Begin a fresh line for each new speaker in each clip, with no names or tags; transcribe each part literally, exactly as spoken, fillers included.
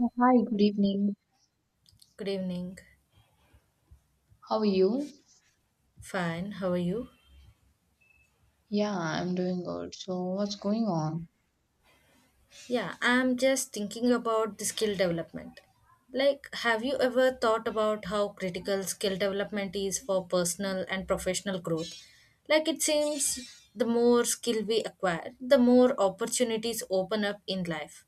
Oh, hi, good evening.
Good evening.
How are you?
Fine. How are you?
Yeah, I'm doing good. So, what's going on?
Yeah, I'm just thinking about the skill development. Like, have you ever thought about how critical skill development is for personal and professional growth? Like, it seems the more skill we acquire, the more opportunities open up in life.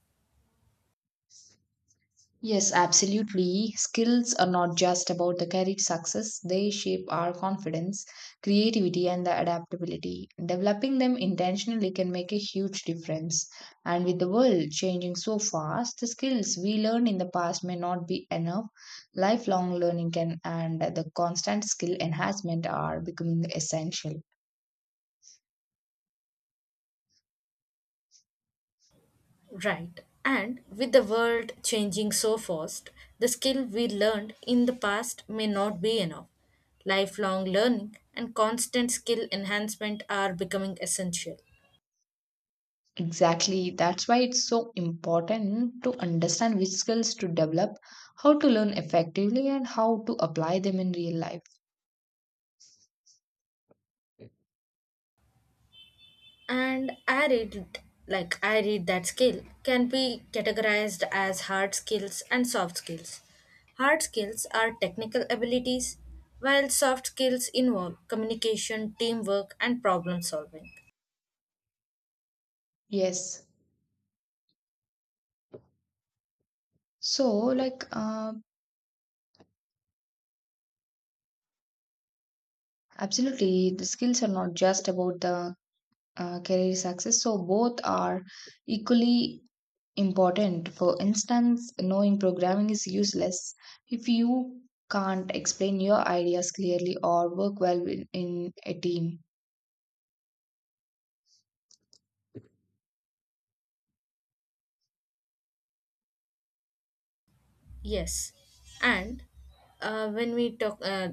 Yes, absolutely. Skills are not just about the career success, they shape our confidence, creativity, and the adaptability. Developing them intentionally can make a huge difference. And with the world changing so fast, the skills we learned in the past may not be enough. Lifelong learning can and the constant skill enhancement are becoming essential.
Right. And with the world changing so fast, the skill we learned in the past may not be enough. Lifelong learning and constant skill enhancement are becoming essential.
Exactly. That's why it's so important to understand which skills to develop, how to learn effectively, and how to apply them in real life.
And I read like I read that skill can be categorized as hard skills and soft skills. Hard skills are technical abilities, while soft skills involve communication, teamwork, and problem solving.
Yes. So, like, uh, absolutely, the skills are not just about the uh, career success. So, both are equally important. For instance, knowing programming is useless if you can't explain your ideas clearly or work well in, in a team.
Yes, and uh, when we talk uh,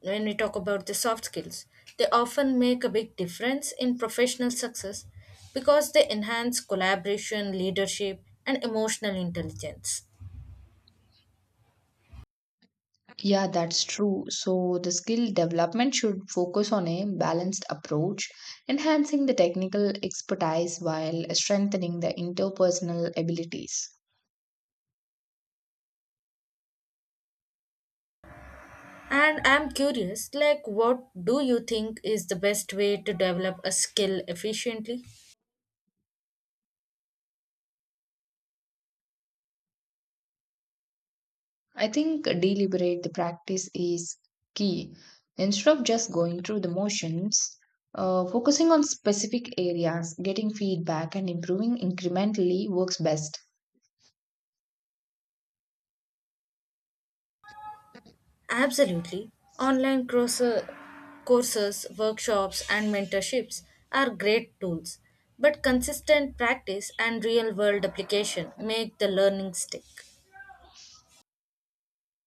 when we talk about the soft skills, they often make a big difference in professional success because they enhance collaboration, leadership, and emotional intelligence.
Yeah, that's true. So the skill development should focus on a balanced approach, enhancing the technical expertise while strengthening the interpersonal abilities.
And I'm curious, like, what do you think is the best way to develop a skill efficiently?
I think deliberate the practice is key. Instead of just going through the motions, uh, focusing on specific areas, getting feedback, and improving incrementally works best.
Absolutely. Online course- Courses, workshops, and mentorships are great tools, but consistent practice and real world application make the learning stick.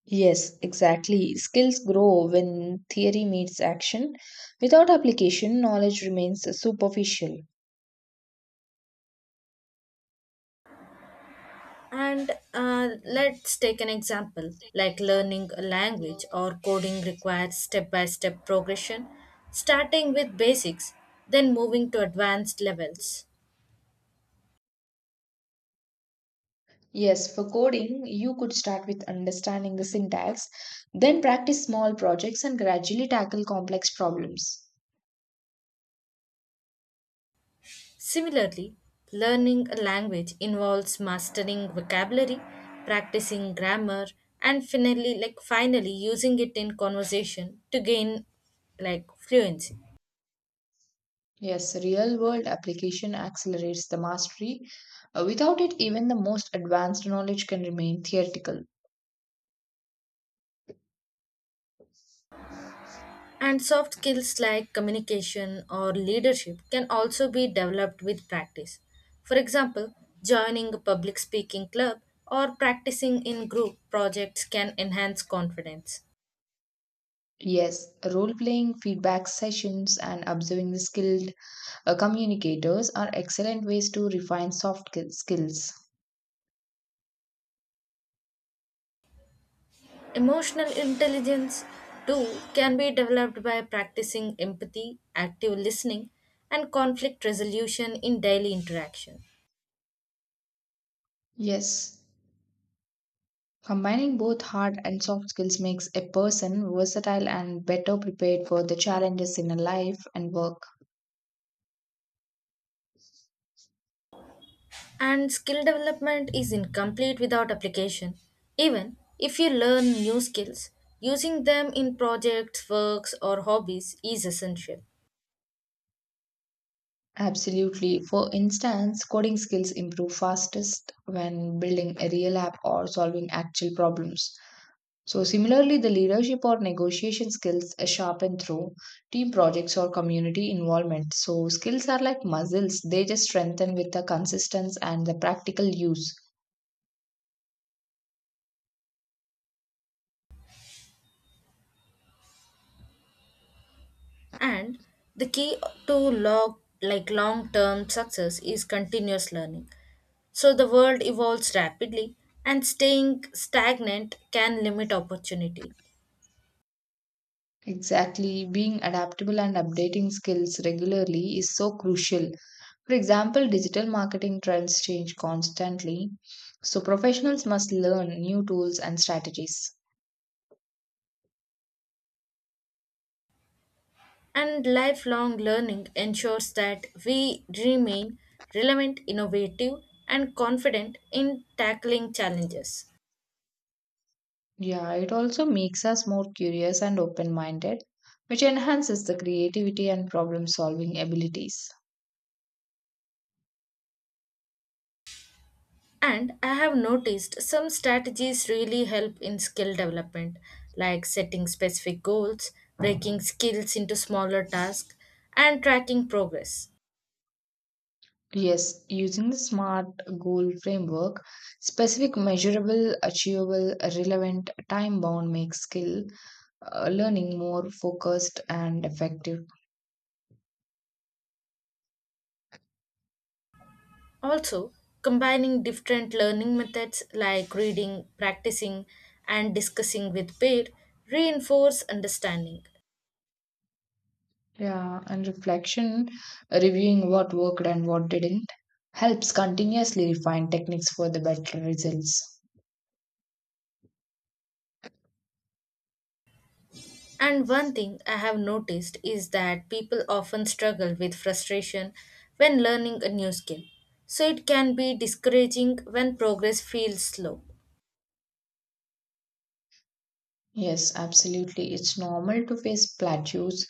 Yes, exactly. Skills grow when theory meets action. Without application, knowledge remains superficial.
And uh, let's take an example like learning a language or coding requires step by step progression, starting with basics, then moving to advanced levels.
Yes, for coding, you could start with understanding the syntax, then practice small projects and gradually tackle complex problems.
Similarly, learning a language involves mastering vocabulary, practicing grammar, and finally like finally using it in conversation to gain like fluency.
Yes, real world application accelerates the mastery. Uh, Without it, even the most advanced knowledge can remain theoretical.
And soft skills like communication or leadership can also be developed with practice. For example, joining a public speaking club or practicing in group projects can enhance confidence.
Yes, role playing, feedback sessions, and observing the skill uh, communicators are excellent ways to refine soft ki- skills.
Emotional intelligence, too, can be developed by practicing empathy, active listening, and conflict resolution in daily interaction.
Yes, combining both hard and soft skills makes a person versatile and better prepared for the challenges in life and work.
And skill development is incomplete without application. Even if you learn new skills, using them in projects, works, or hobbies is essential.
Absolutely. For instance, coding skills improve fastest when building a real app or solving actual problems. So, similarly, the leadership or negotiation skills are sharpened through team projects or community involvement. So, skills are like muscles, they just strengthen with the consistency and the practical use.
And the key to log like long-term success is continuous learning. So the world evolves rapidly and staying stagnant can limit opportunity.
Exactly, being adaptable and updating skills regularly is so crucial. For example, digital marketing trends change constantly, so professionals must learn new tools and strategies.
And lifelong learning ensures that we remain relevant, innovative and confident in tackling challenges.
Yeah, it also makes us more curious and open minded, which enhances the creativity and problem solving abilities.
And I have noticed some strategies really help in skill development, like setting specific goals, breaking skills into smaller tasks, and tracking progress.
Yes, using the SMART goal framework, specific, measurable, achievable, relevant, time bound makes skill uh, learning more focused and effective.
Also, combining different learning methods like reading, practicing, and discussing with peer reinforce understanding.
Yeah, and reflection, reviewing what worked and what didn't, helps continuously refine techniques for the better results.
And one thing I have noticed is that people often struggle with frustration when learning a new skill. So it can be discouraging when progress feels slow.
Yes, absolutely. It's normal to face plateaus,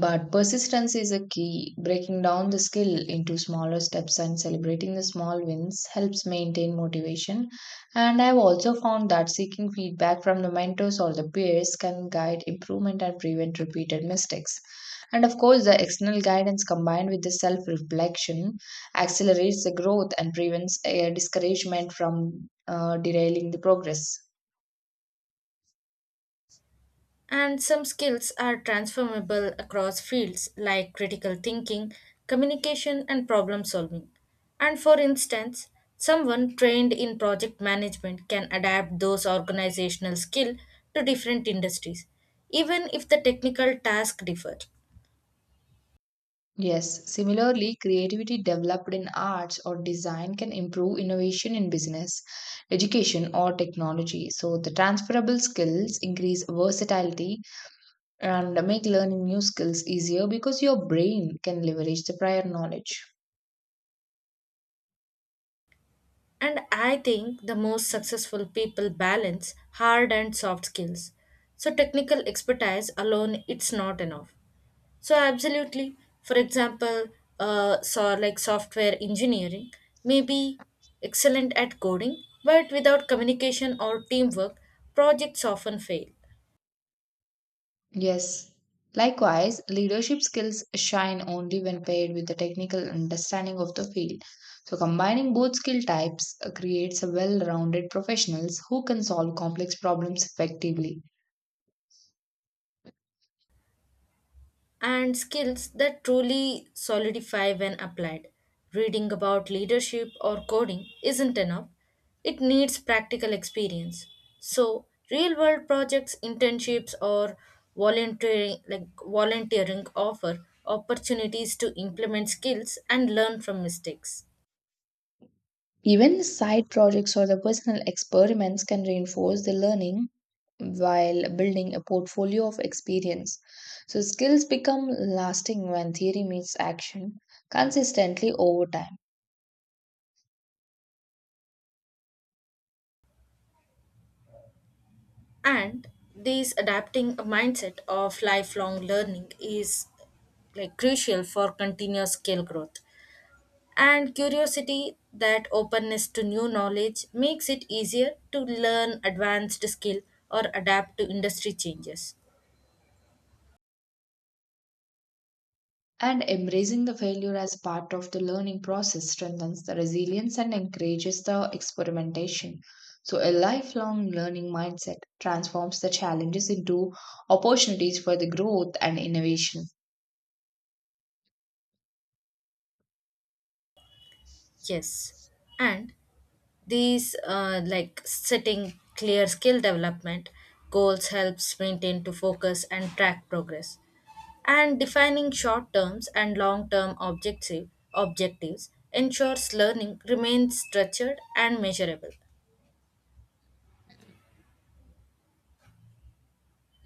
but persistence is a key. Breaking down the skill into smaller steps and celebrating the small wins helps maintain motivation. And I've also found that seeking feedback from the mentors or the peers can guide improvement and prevent repeated mistakes. And of course, the external guidance combined with the self reflection accelerates the growth and prevents uh, discouragement from uh, derailing the progress.
And some skills are transformable across fields like critical thinking, communication, and problem solving. And for instance, someone trained in project management can adapt those organizational skills to different industries, even if the technical task differ.
Yes, similarly, creativity developed in arts or design can improve innovation in business, education, or technology. So, the transferable skills increase versatility and make learning new skills easier because your brain can leverage the prior knowledge.
And I think the most successful people balance hard and soft skills. So technical expertise alone it's not enough. So absolutely. For example, uh, so like software engineering may be excellent at coding, but without communication or teamwork, projects often fail.
Yes. Likewise, leadership skills shine only when paired with the technical understanding of the field. So, combining both skill types uh, creates a well rounded professionals who can solve complex problems effectively.
And skills that truly solidify when applied. Reading about leadership or coding isn't enough, it needs practical experience. So, real world projects, internships, or volunteering, like volunteering offer opportunities to implement skills and learn from mistakes.
Even side projects or the personal experiments can reinforce the learning while building a portfolio of experience. So, skills become lasting when theory meets action consistently over time.
And these adapting a mindset of lifelong learning is like crucial for continuous skill growth. And curiosity that openness to new knowledge makes it easier to learn advanced skill or adapt to industry changes.
And embracing the failure as part of the learning process strengthens the resilience and encourages the experimentation. So, a lifelong learning mindset transforms the challenges into opportunities for the growth and innovation.
Yes, and these uh, like setting clear skill development goals helps maintain to focus and track progress, and defining short terms and long term objective objectives ensures learning remains structured and measurable.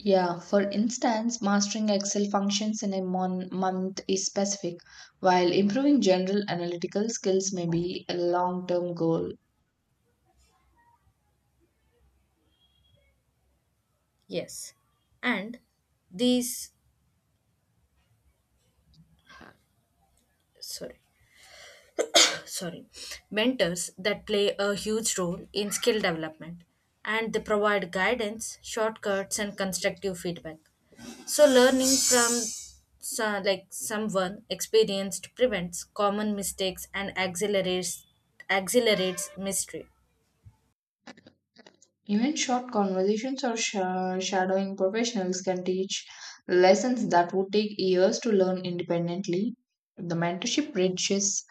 Yeah, for instance, mastering Excel functions in a mon- month is specific, while improving general analytical skills may be a long term goal.
Yes, and these sorry, sorry, mentors that play a huge role in skill development, and they provide guidance shortcuts and constructive feedback. So learning from so, like someone experienced prevents common mistakes and accelerates accelerates mystery.
Even short conversations or sha- shadowing professionals can teach lessons that would take years to learn independently. The mentorship bridges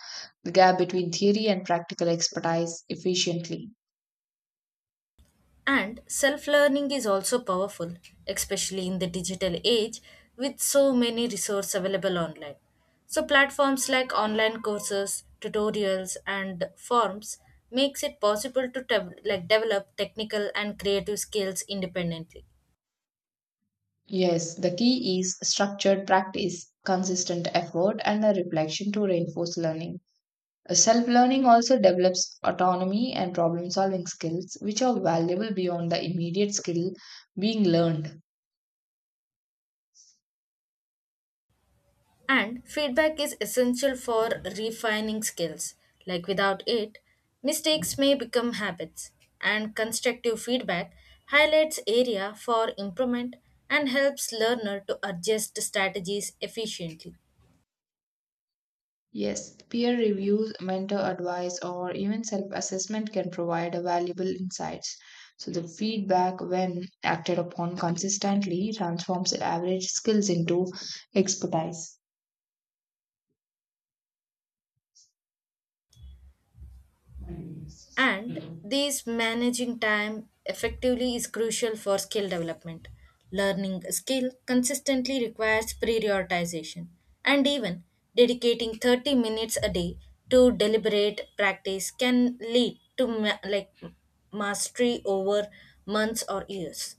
the gap between theory and practical expertise efficiently.
And self learning is also powerful, especially in the digital age with so many resources available online. So platforms like online courses, tutorials and forms makes it possible to dev- like develop technical and creative skills independently.
Yes, the key is structured practice, consistent effort, and a reflection to reinforce learning. Self learning also develops autonomy and problem solving skills, which are valuable beyond the immediate skill being learned.
And feedback is essential for refining skills. Like without it, mistakes may become habits. And constructive feedback highlights area for improvement and helps learner to adjust strategies efficiently.
Yes, peer reviews, mentor advice, or even self assessment can provide a valuable insights. So, the feedback, when acted upon consistently, transforms average skills into expertise.
And these managing time effectively is crucial for skill development. Learning a skill consistently requires prioritization and even dedicating thirty minutes a day to deliberate practice can lead to ma- like mastery over months or years.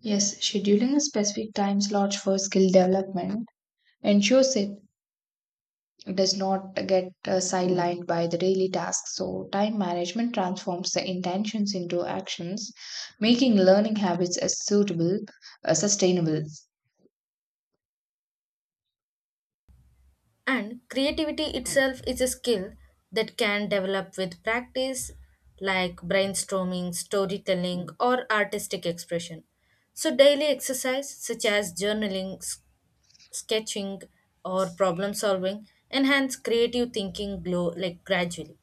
Yes, scheduling a specific time slot for skill development ensures it does not get uh, sidelined by the daily tasks. So, time management transforms the intentions into actions, making learning habits as suitable, uh, sustainable.
And creativity itself is a skill that can develop with practice, like brainstorming, storytelling, or artistic expression. So, daily exercise such as journaling, s- sketching, or problem solving enhance creative thinking glow like gradually.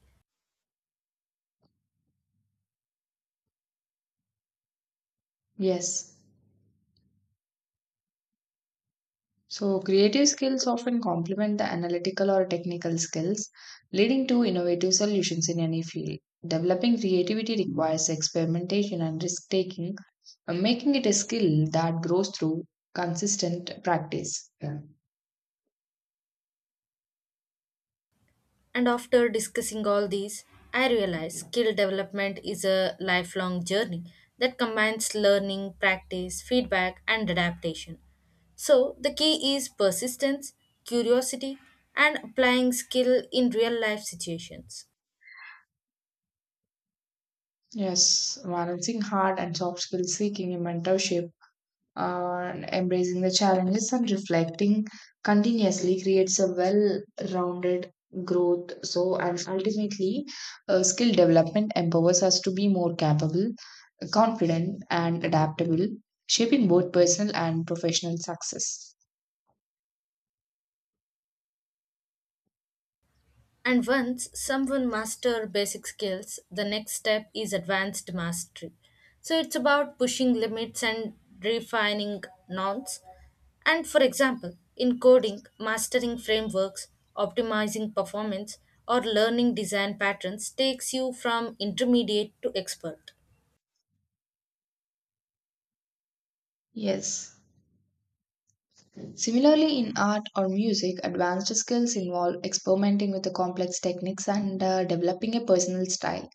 Yes. So, creative skills often complement the analytical or technical skills, leading to innovative solutions in any field. Developing creativity requires experimentation and risk taking, making it a skill that grows through consistent practice. Yeah.
And after discussing all these, I realized skill development is a lifelong journey that combines learning, practice, feedback, and adaptation. So, the key is persistence, curiosity, and applying skill in real life situations.
Yes, balancing hard and soft skills, seeking a mentorship, uh, and embracing the challenges and reflecting continuously creates a well-rounded growth. So, and ultimately, uh, skill development empowers us to be more capable, confident, and adaptable, shaping both personal and professional success.
And once someone master basic skills, the next step is advanced mastery. So it's about pushing limits and refining norms. And for example, in coding, mastering frameworks, optimizing performance, or learning design patterns takes you from intermediate to expert.
Yes. Similarly, in art or music, advanced skills involve experimenting with the complex techniques and uh, developing a personal style.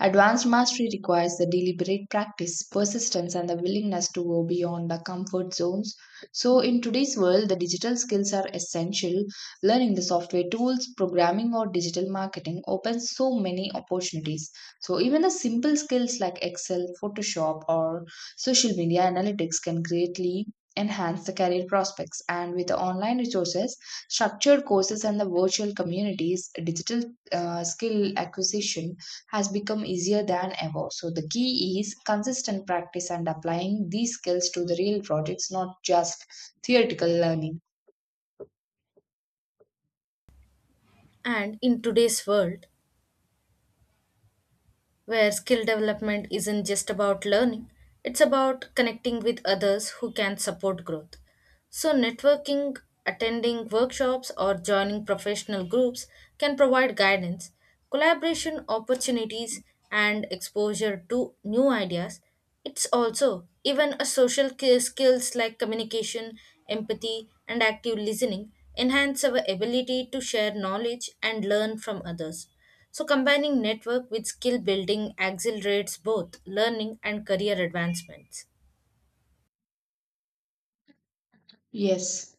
Advanced mastery requires the deliberate practice, persistence, and the willingness to go beyond the comfort zones. So, in today's world, the digital skills are essential. Learning the software tools, programming, or digital marketing opens so many opportunities. So, even the simple skills like Excel, Photoshop, or social media analytics can greatly enhance the career prospects, and with the online resources, structured courses, and the virtual communities, digital uh, skill acquisition has become easier than ever. So the key is consistent practice and applying these skills to the real projects, not just theoretical learning.
And in today's world, where skill development isn't just about learning, it's about connecting with others who can support growth. So, networking, attending workshops, or joining professional groups can provide guidance, collaboration opportunities, and exposure to new ideas. It's also even a social ki- skills like communication, empathy, and active listening enhance our ability to share knowledge and learn from others. So, combining network with skill building accelerates both learning and career advancements.
Yes,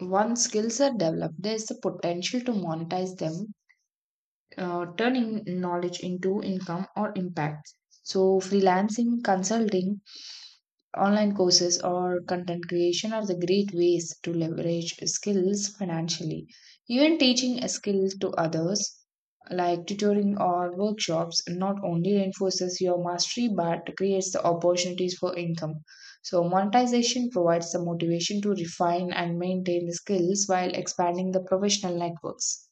once skills are developed, there is the potential to monetize them, uh, turning knowledge into income or impact. So freelancing, consulting, online courses, or content creation are the great ways to leverage skills financially. Even teaching a skill to others, like tutoring or workshops, not only reinforces your mastery but creates the opportunities for income. So, monetization provides the motivation to refine and maintain the skills while expanding the professional networks.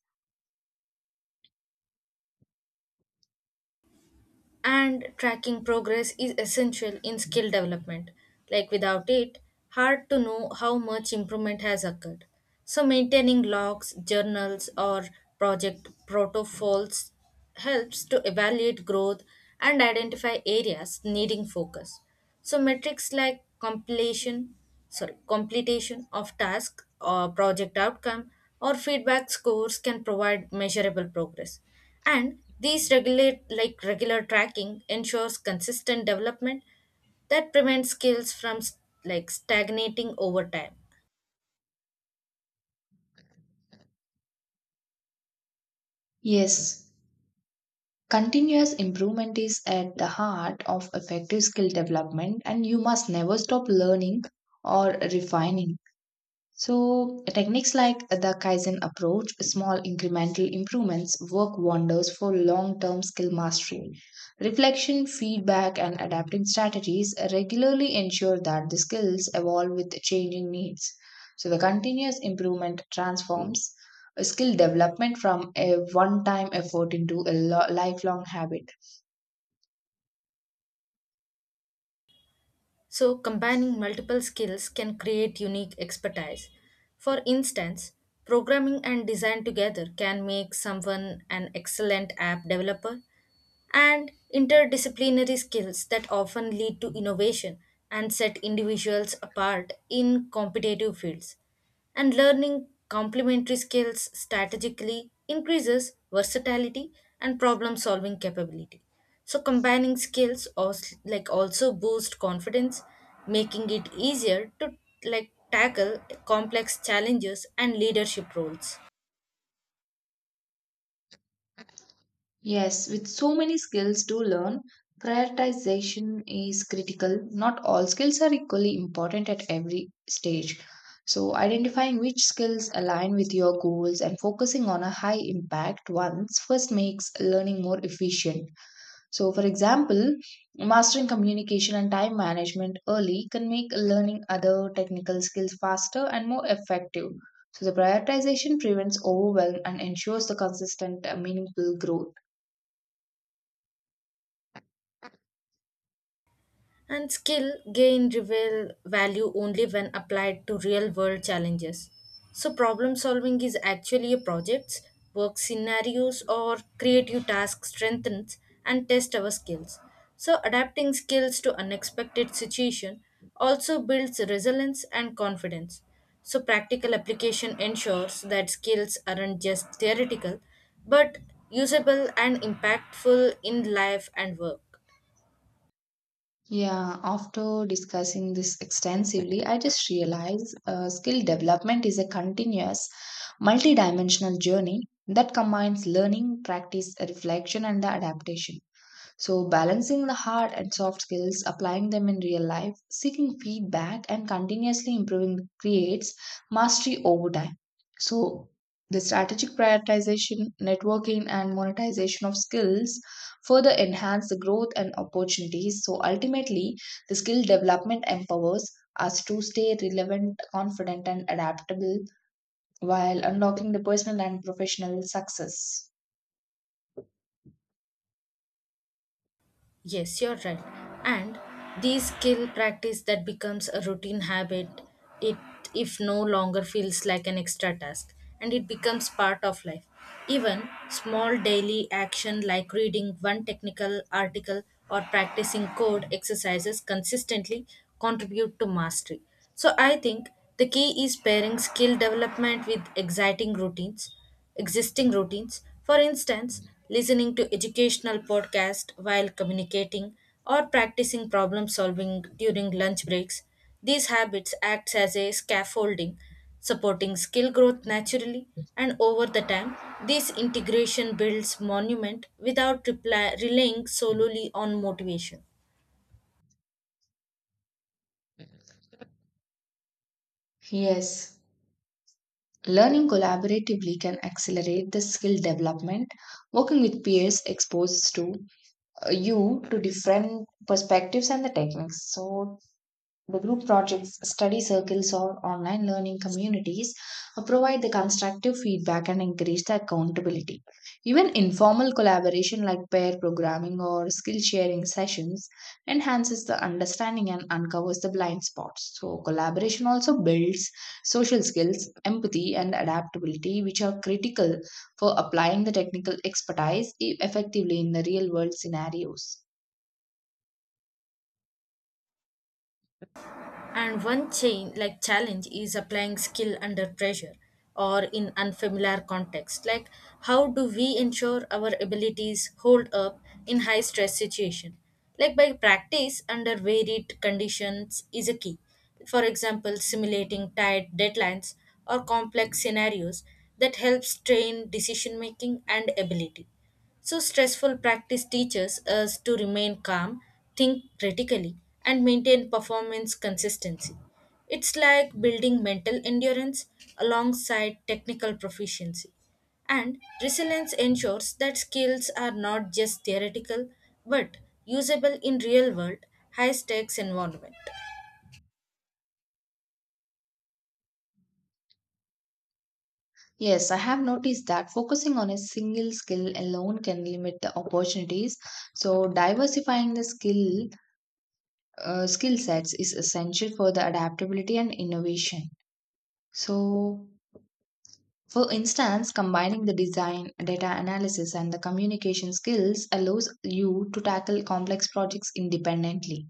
And tracking progress is essential in skill development. Like without it, hard to know how much improvement has occurred. So maintaining logs, journals or project protocols helps to evaluate growth and identify areas needing focus. So metrics like completion, sorry, completion of task or project outcome or feedback scores can provide measurable progress, and these regulate like regular tracking ensures consistent development that prevents skills from s- like stagnating over time.
Yes, continuous improvement is at the heart of effective skill development, and you must never stop learning or refining. So, techniques like the Kaizen approach, small incremental improvements, work wonders for long term skill mastery. Reflection, feedback, and adapting strategies regularly ensure that the skills evolve with changing needs. So, the continuous improvement transforms skill development from a one time effort into a lo- lifelong habit.
So combining multiple skills can create unique expertise. For instance, programming and design together can make someone an excellent app developer, and interdisciplinary skills that often lead to innovation and set individuals apart in competitive fields. And learning complementary skills strategically increases versatility and problem solving capability. So combining skills also, like also boost confidence, making it easier to like tackle complex challenges and leadership roles.
Yes, with so many skills to learn, prioritization is critical. Not all skills are equally important at every stage. So, identifying which skills align with your goals and focusing on a high impact ones first makes learning more efficient. So, for example, mastering communication and time management early can make learning other technical skills faster and more effective. So, the prioritization prevents overwhelm and ensures the consistent, uh, meaningful growth.
And skill gain reveal value only when applied to real world challenges. So problem solving is actually a projects, work scenarios or creative task strengthens and test our skills. So adapting skills to unexpected situation also builds resilience and confidence. So practical application ensures that skills aren't just theoretical but usable and impactful in life and work.
Yeah, after discussing this extensively, I just realized uh, skill development is a continuous, multidimensional journey that combines learning, practice, reflection, and the adaptation. So, balancing the hard and soft skills, applying them in real life, seeking feedback, and continuously improving creates mastery over time. So, the strategic prioritization, networking, and monetization of skills further enhance the growth and opportunities. So, ultimately, the skill development empowers us to stay relevant, confident, and adaptable while unlocking the personal and professional success.
Yes, you're right. And these skill practice that becomes a routine habit, it if no longer feels like an extra task and it becomes part of life. Even small daily action like reading one technical article or practicing code exercises consistently contribute to mastery. So I think the key is pairing skill development with exciting routines existing routines. For instance, listening to educational podcasts while communicating or practicing problem solving during lunch breaks. These habits act as a scaffolding, supporting skill growth naturally and over the time this integration builds monument without reply, relying solely on motivation.
Yes. Learning collaboratively can accelerate the skill development. Working with peers exposes to uh, you to different perspectives and the techniques. So the group projects, study circles, or online learning communities uh, provide the constructive feedback and encourage the accountability. Even informal collaboration like pair programming or skill sharing sessions enhances the understanding and uncovers the blind spots. So, collaboration also builds social skills, empathy, and adaptability, which are critical for applying the technical expertise e-, effectively in the real world scenarios.
And one chain like challenge is applying skill under pressure or in unfamiliar context. Like how do we ensure our abilities hold up in high stress situation? Like by practice under varied conditions is a key. For example, simulating tight deadlines or complex scenarios that helps train decision making and ability. So, stressful practice teaches us to remain calm, think critically, and maintain performance consistency. It's like building mental endurance alongside technical proficiency. And resilience ensures that skills are not just theoretical but usable in real world, high stakes environment.
Yes, I have noticed that focusing on a single skill alone can limit the opportunities. So diversifying the skill uh, skill sets is essential for the adaptability and innovation. So for instance, combining the design, data analysis, and the communication skills allows you to tackle complex projects independently.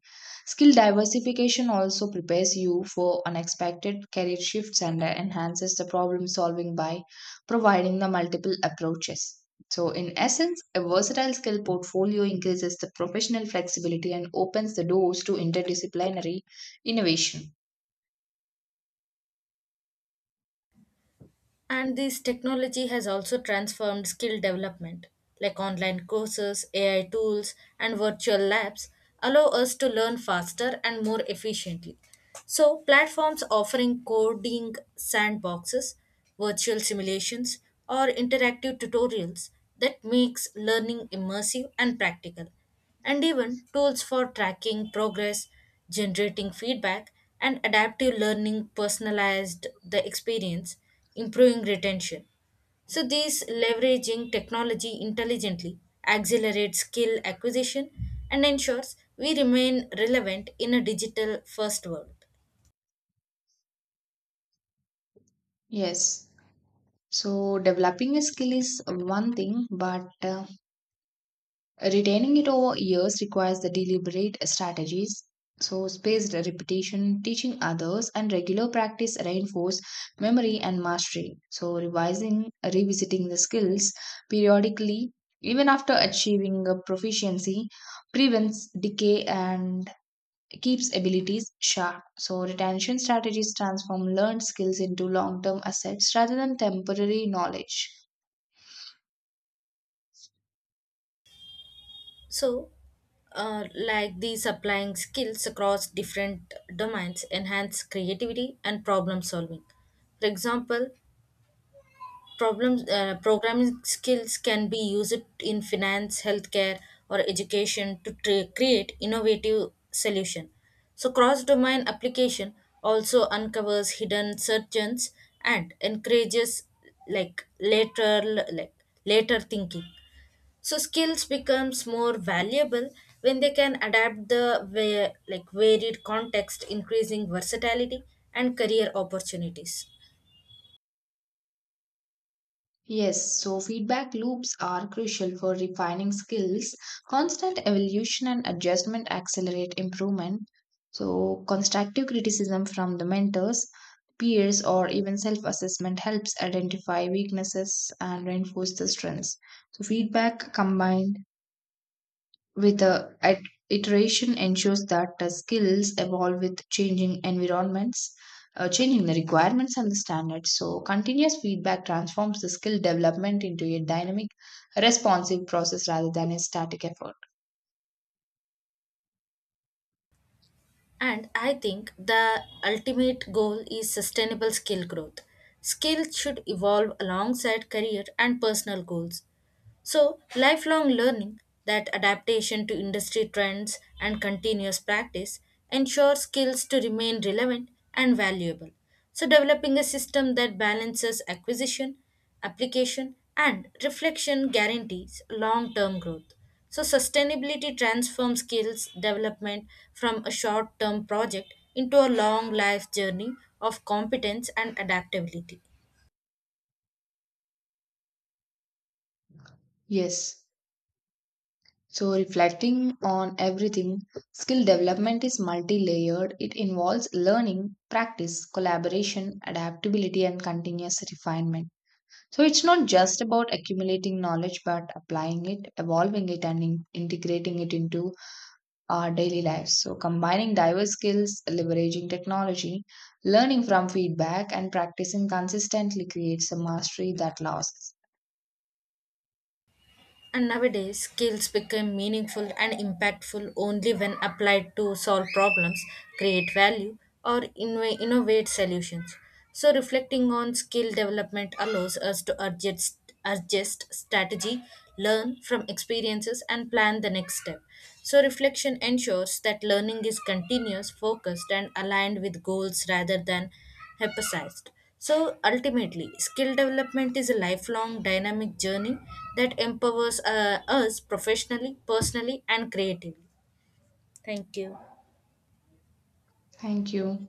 Skill diversification also prepares you for unexpected career shifts and uh, enhances the problem solving by providing the multiple approaches. So, in essence, a versatile skill portfolio increases the professional flexibility and opens the doors to interdisciplinary innovation.
And this technology has also transformed skill development, like online courses, A I tools, and virtual labs allow us to learn faster and more efficiently. So, platforms offering coding sandboxes, virtual simulations, or interactive tutorials that makes learning immersive and practical, and even tools for tracking progress, generating feedback, and adaptive learning personalized the experience, improving retention. So, these leveraging technology intelligently accelerates skill acquisition and ensures we remain relevant in a digital first world.
Yes. So, developing a skill is one thing, but uh, retaining it over years requires the deliberate strategies. So, spaced repetition, teaching others, and regular practice reinforce memory and mastery. So, revising, revisiting the skills periodically, even after achieving a proficiency, prevents decay and keeps abilities sharp. So, retention strategies transform learned skills into long term assets rather than temporary knowledge.
So, uh, like these applying skills across different domains enhance creativity and problem solving. For example, Problems, uh, programming skills can be used in finance, healthcare, or education to tra- create innovative solution. So cross-domain application also uncovers hidden surgeons and encourages like later like later thinking. So skills becomes more valuable when they can adapt the va- like varied context, increasing versatility and career opportunities.
Yes, so feedback loops are crucial for refining skills. Constant evolution and adjustment accelerate improvement. So, constructive criticism from the mentors, peers, or even self assessment helps identify weaknesses and reinforce the strengths. So, feedback combined with a at iteration ensures that the skills evolve with changing environments, uh, changing the requirements and the standards. So continuous feedback transforms the skill development into a dynamic responsive process rather than a static effort.
And I think the ultimate goal is sustainable skill growth. Skills should evolve alongside career and personal goals, so, lifelong learning, that adaptation to industry trends and continuous practice, ensures skills to remain relevant and valuable. So, developing a system that balances acquisition, application, and reflection guarantees long term growth. So, sustainability transforms skills development from a short term project into a long life journey of competence and adaptability.
Yes, so reflecting on everything, skill development is multi-layered. It involves learning, practice, collaboration, adaptability, and continuous refinement. So it's not just about accumulating knowledge, but applying it, evolving it, and in- integrating it into our daily lives. So combining diverse skills, leveraging technology, learning from feedback, and practicing consistently creates a mastery that lasts.
And nowadays, skills become meaningful and impactful only when applied to solve problems, create value, or inno- innovate solutions. So, reflecting on skill development allows us to adjust, adjust strategy, learn from experiences, and plan the next step. So, reflection ensures that learning is continuous, focused, and aligned with goals rather than emphasized. So ultimately, skill development is a lifelong dynamic journey that empowers uh, us professionally, personally, and creatively. Thank you.
Thank you.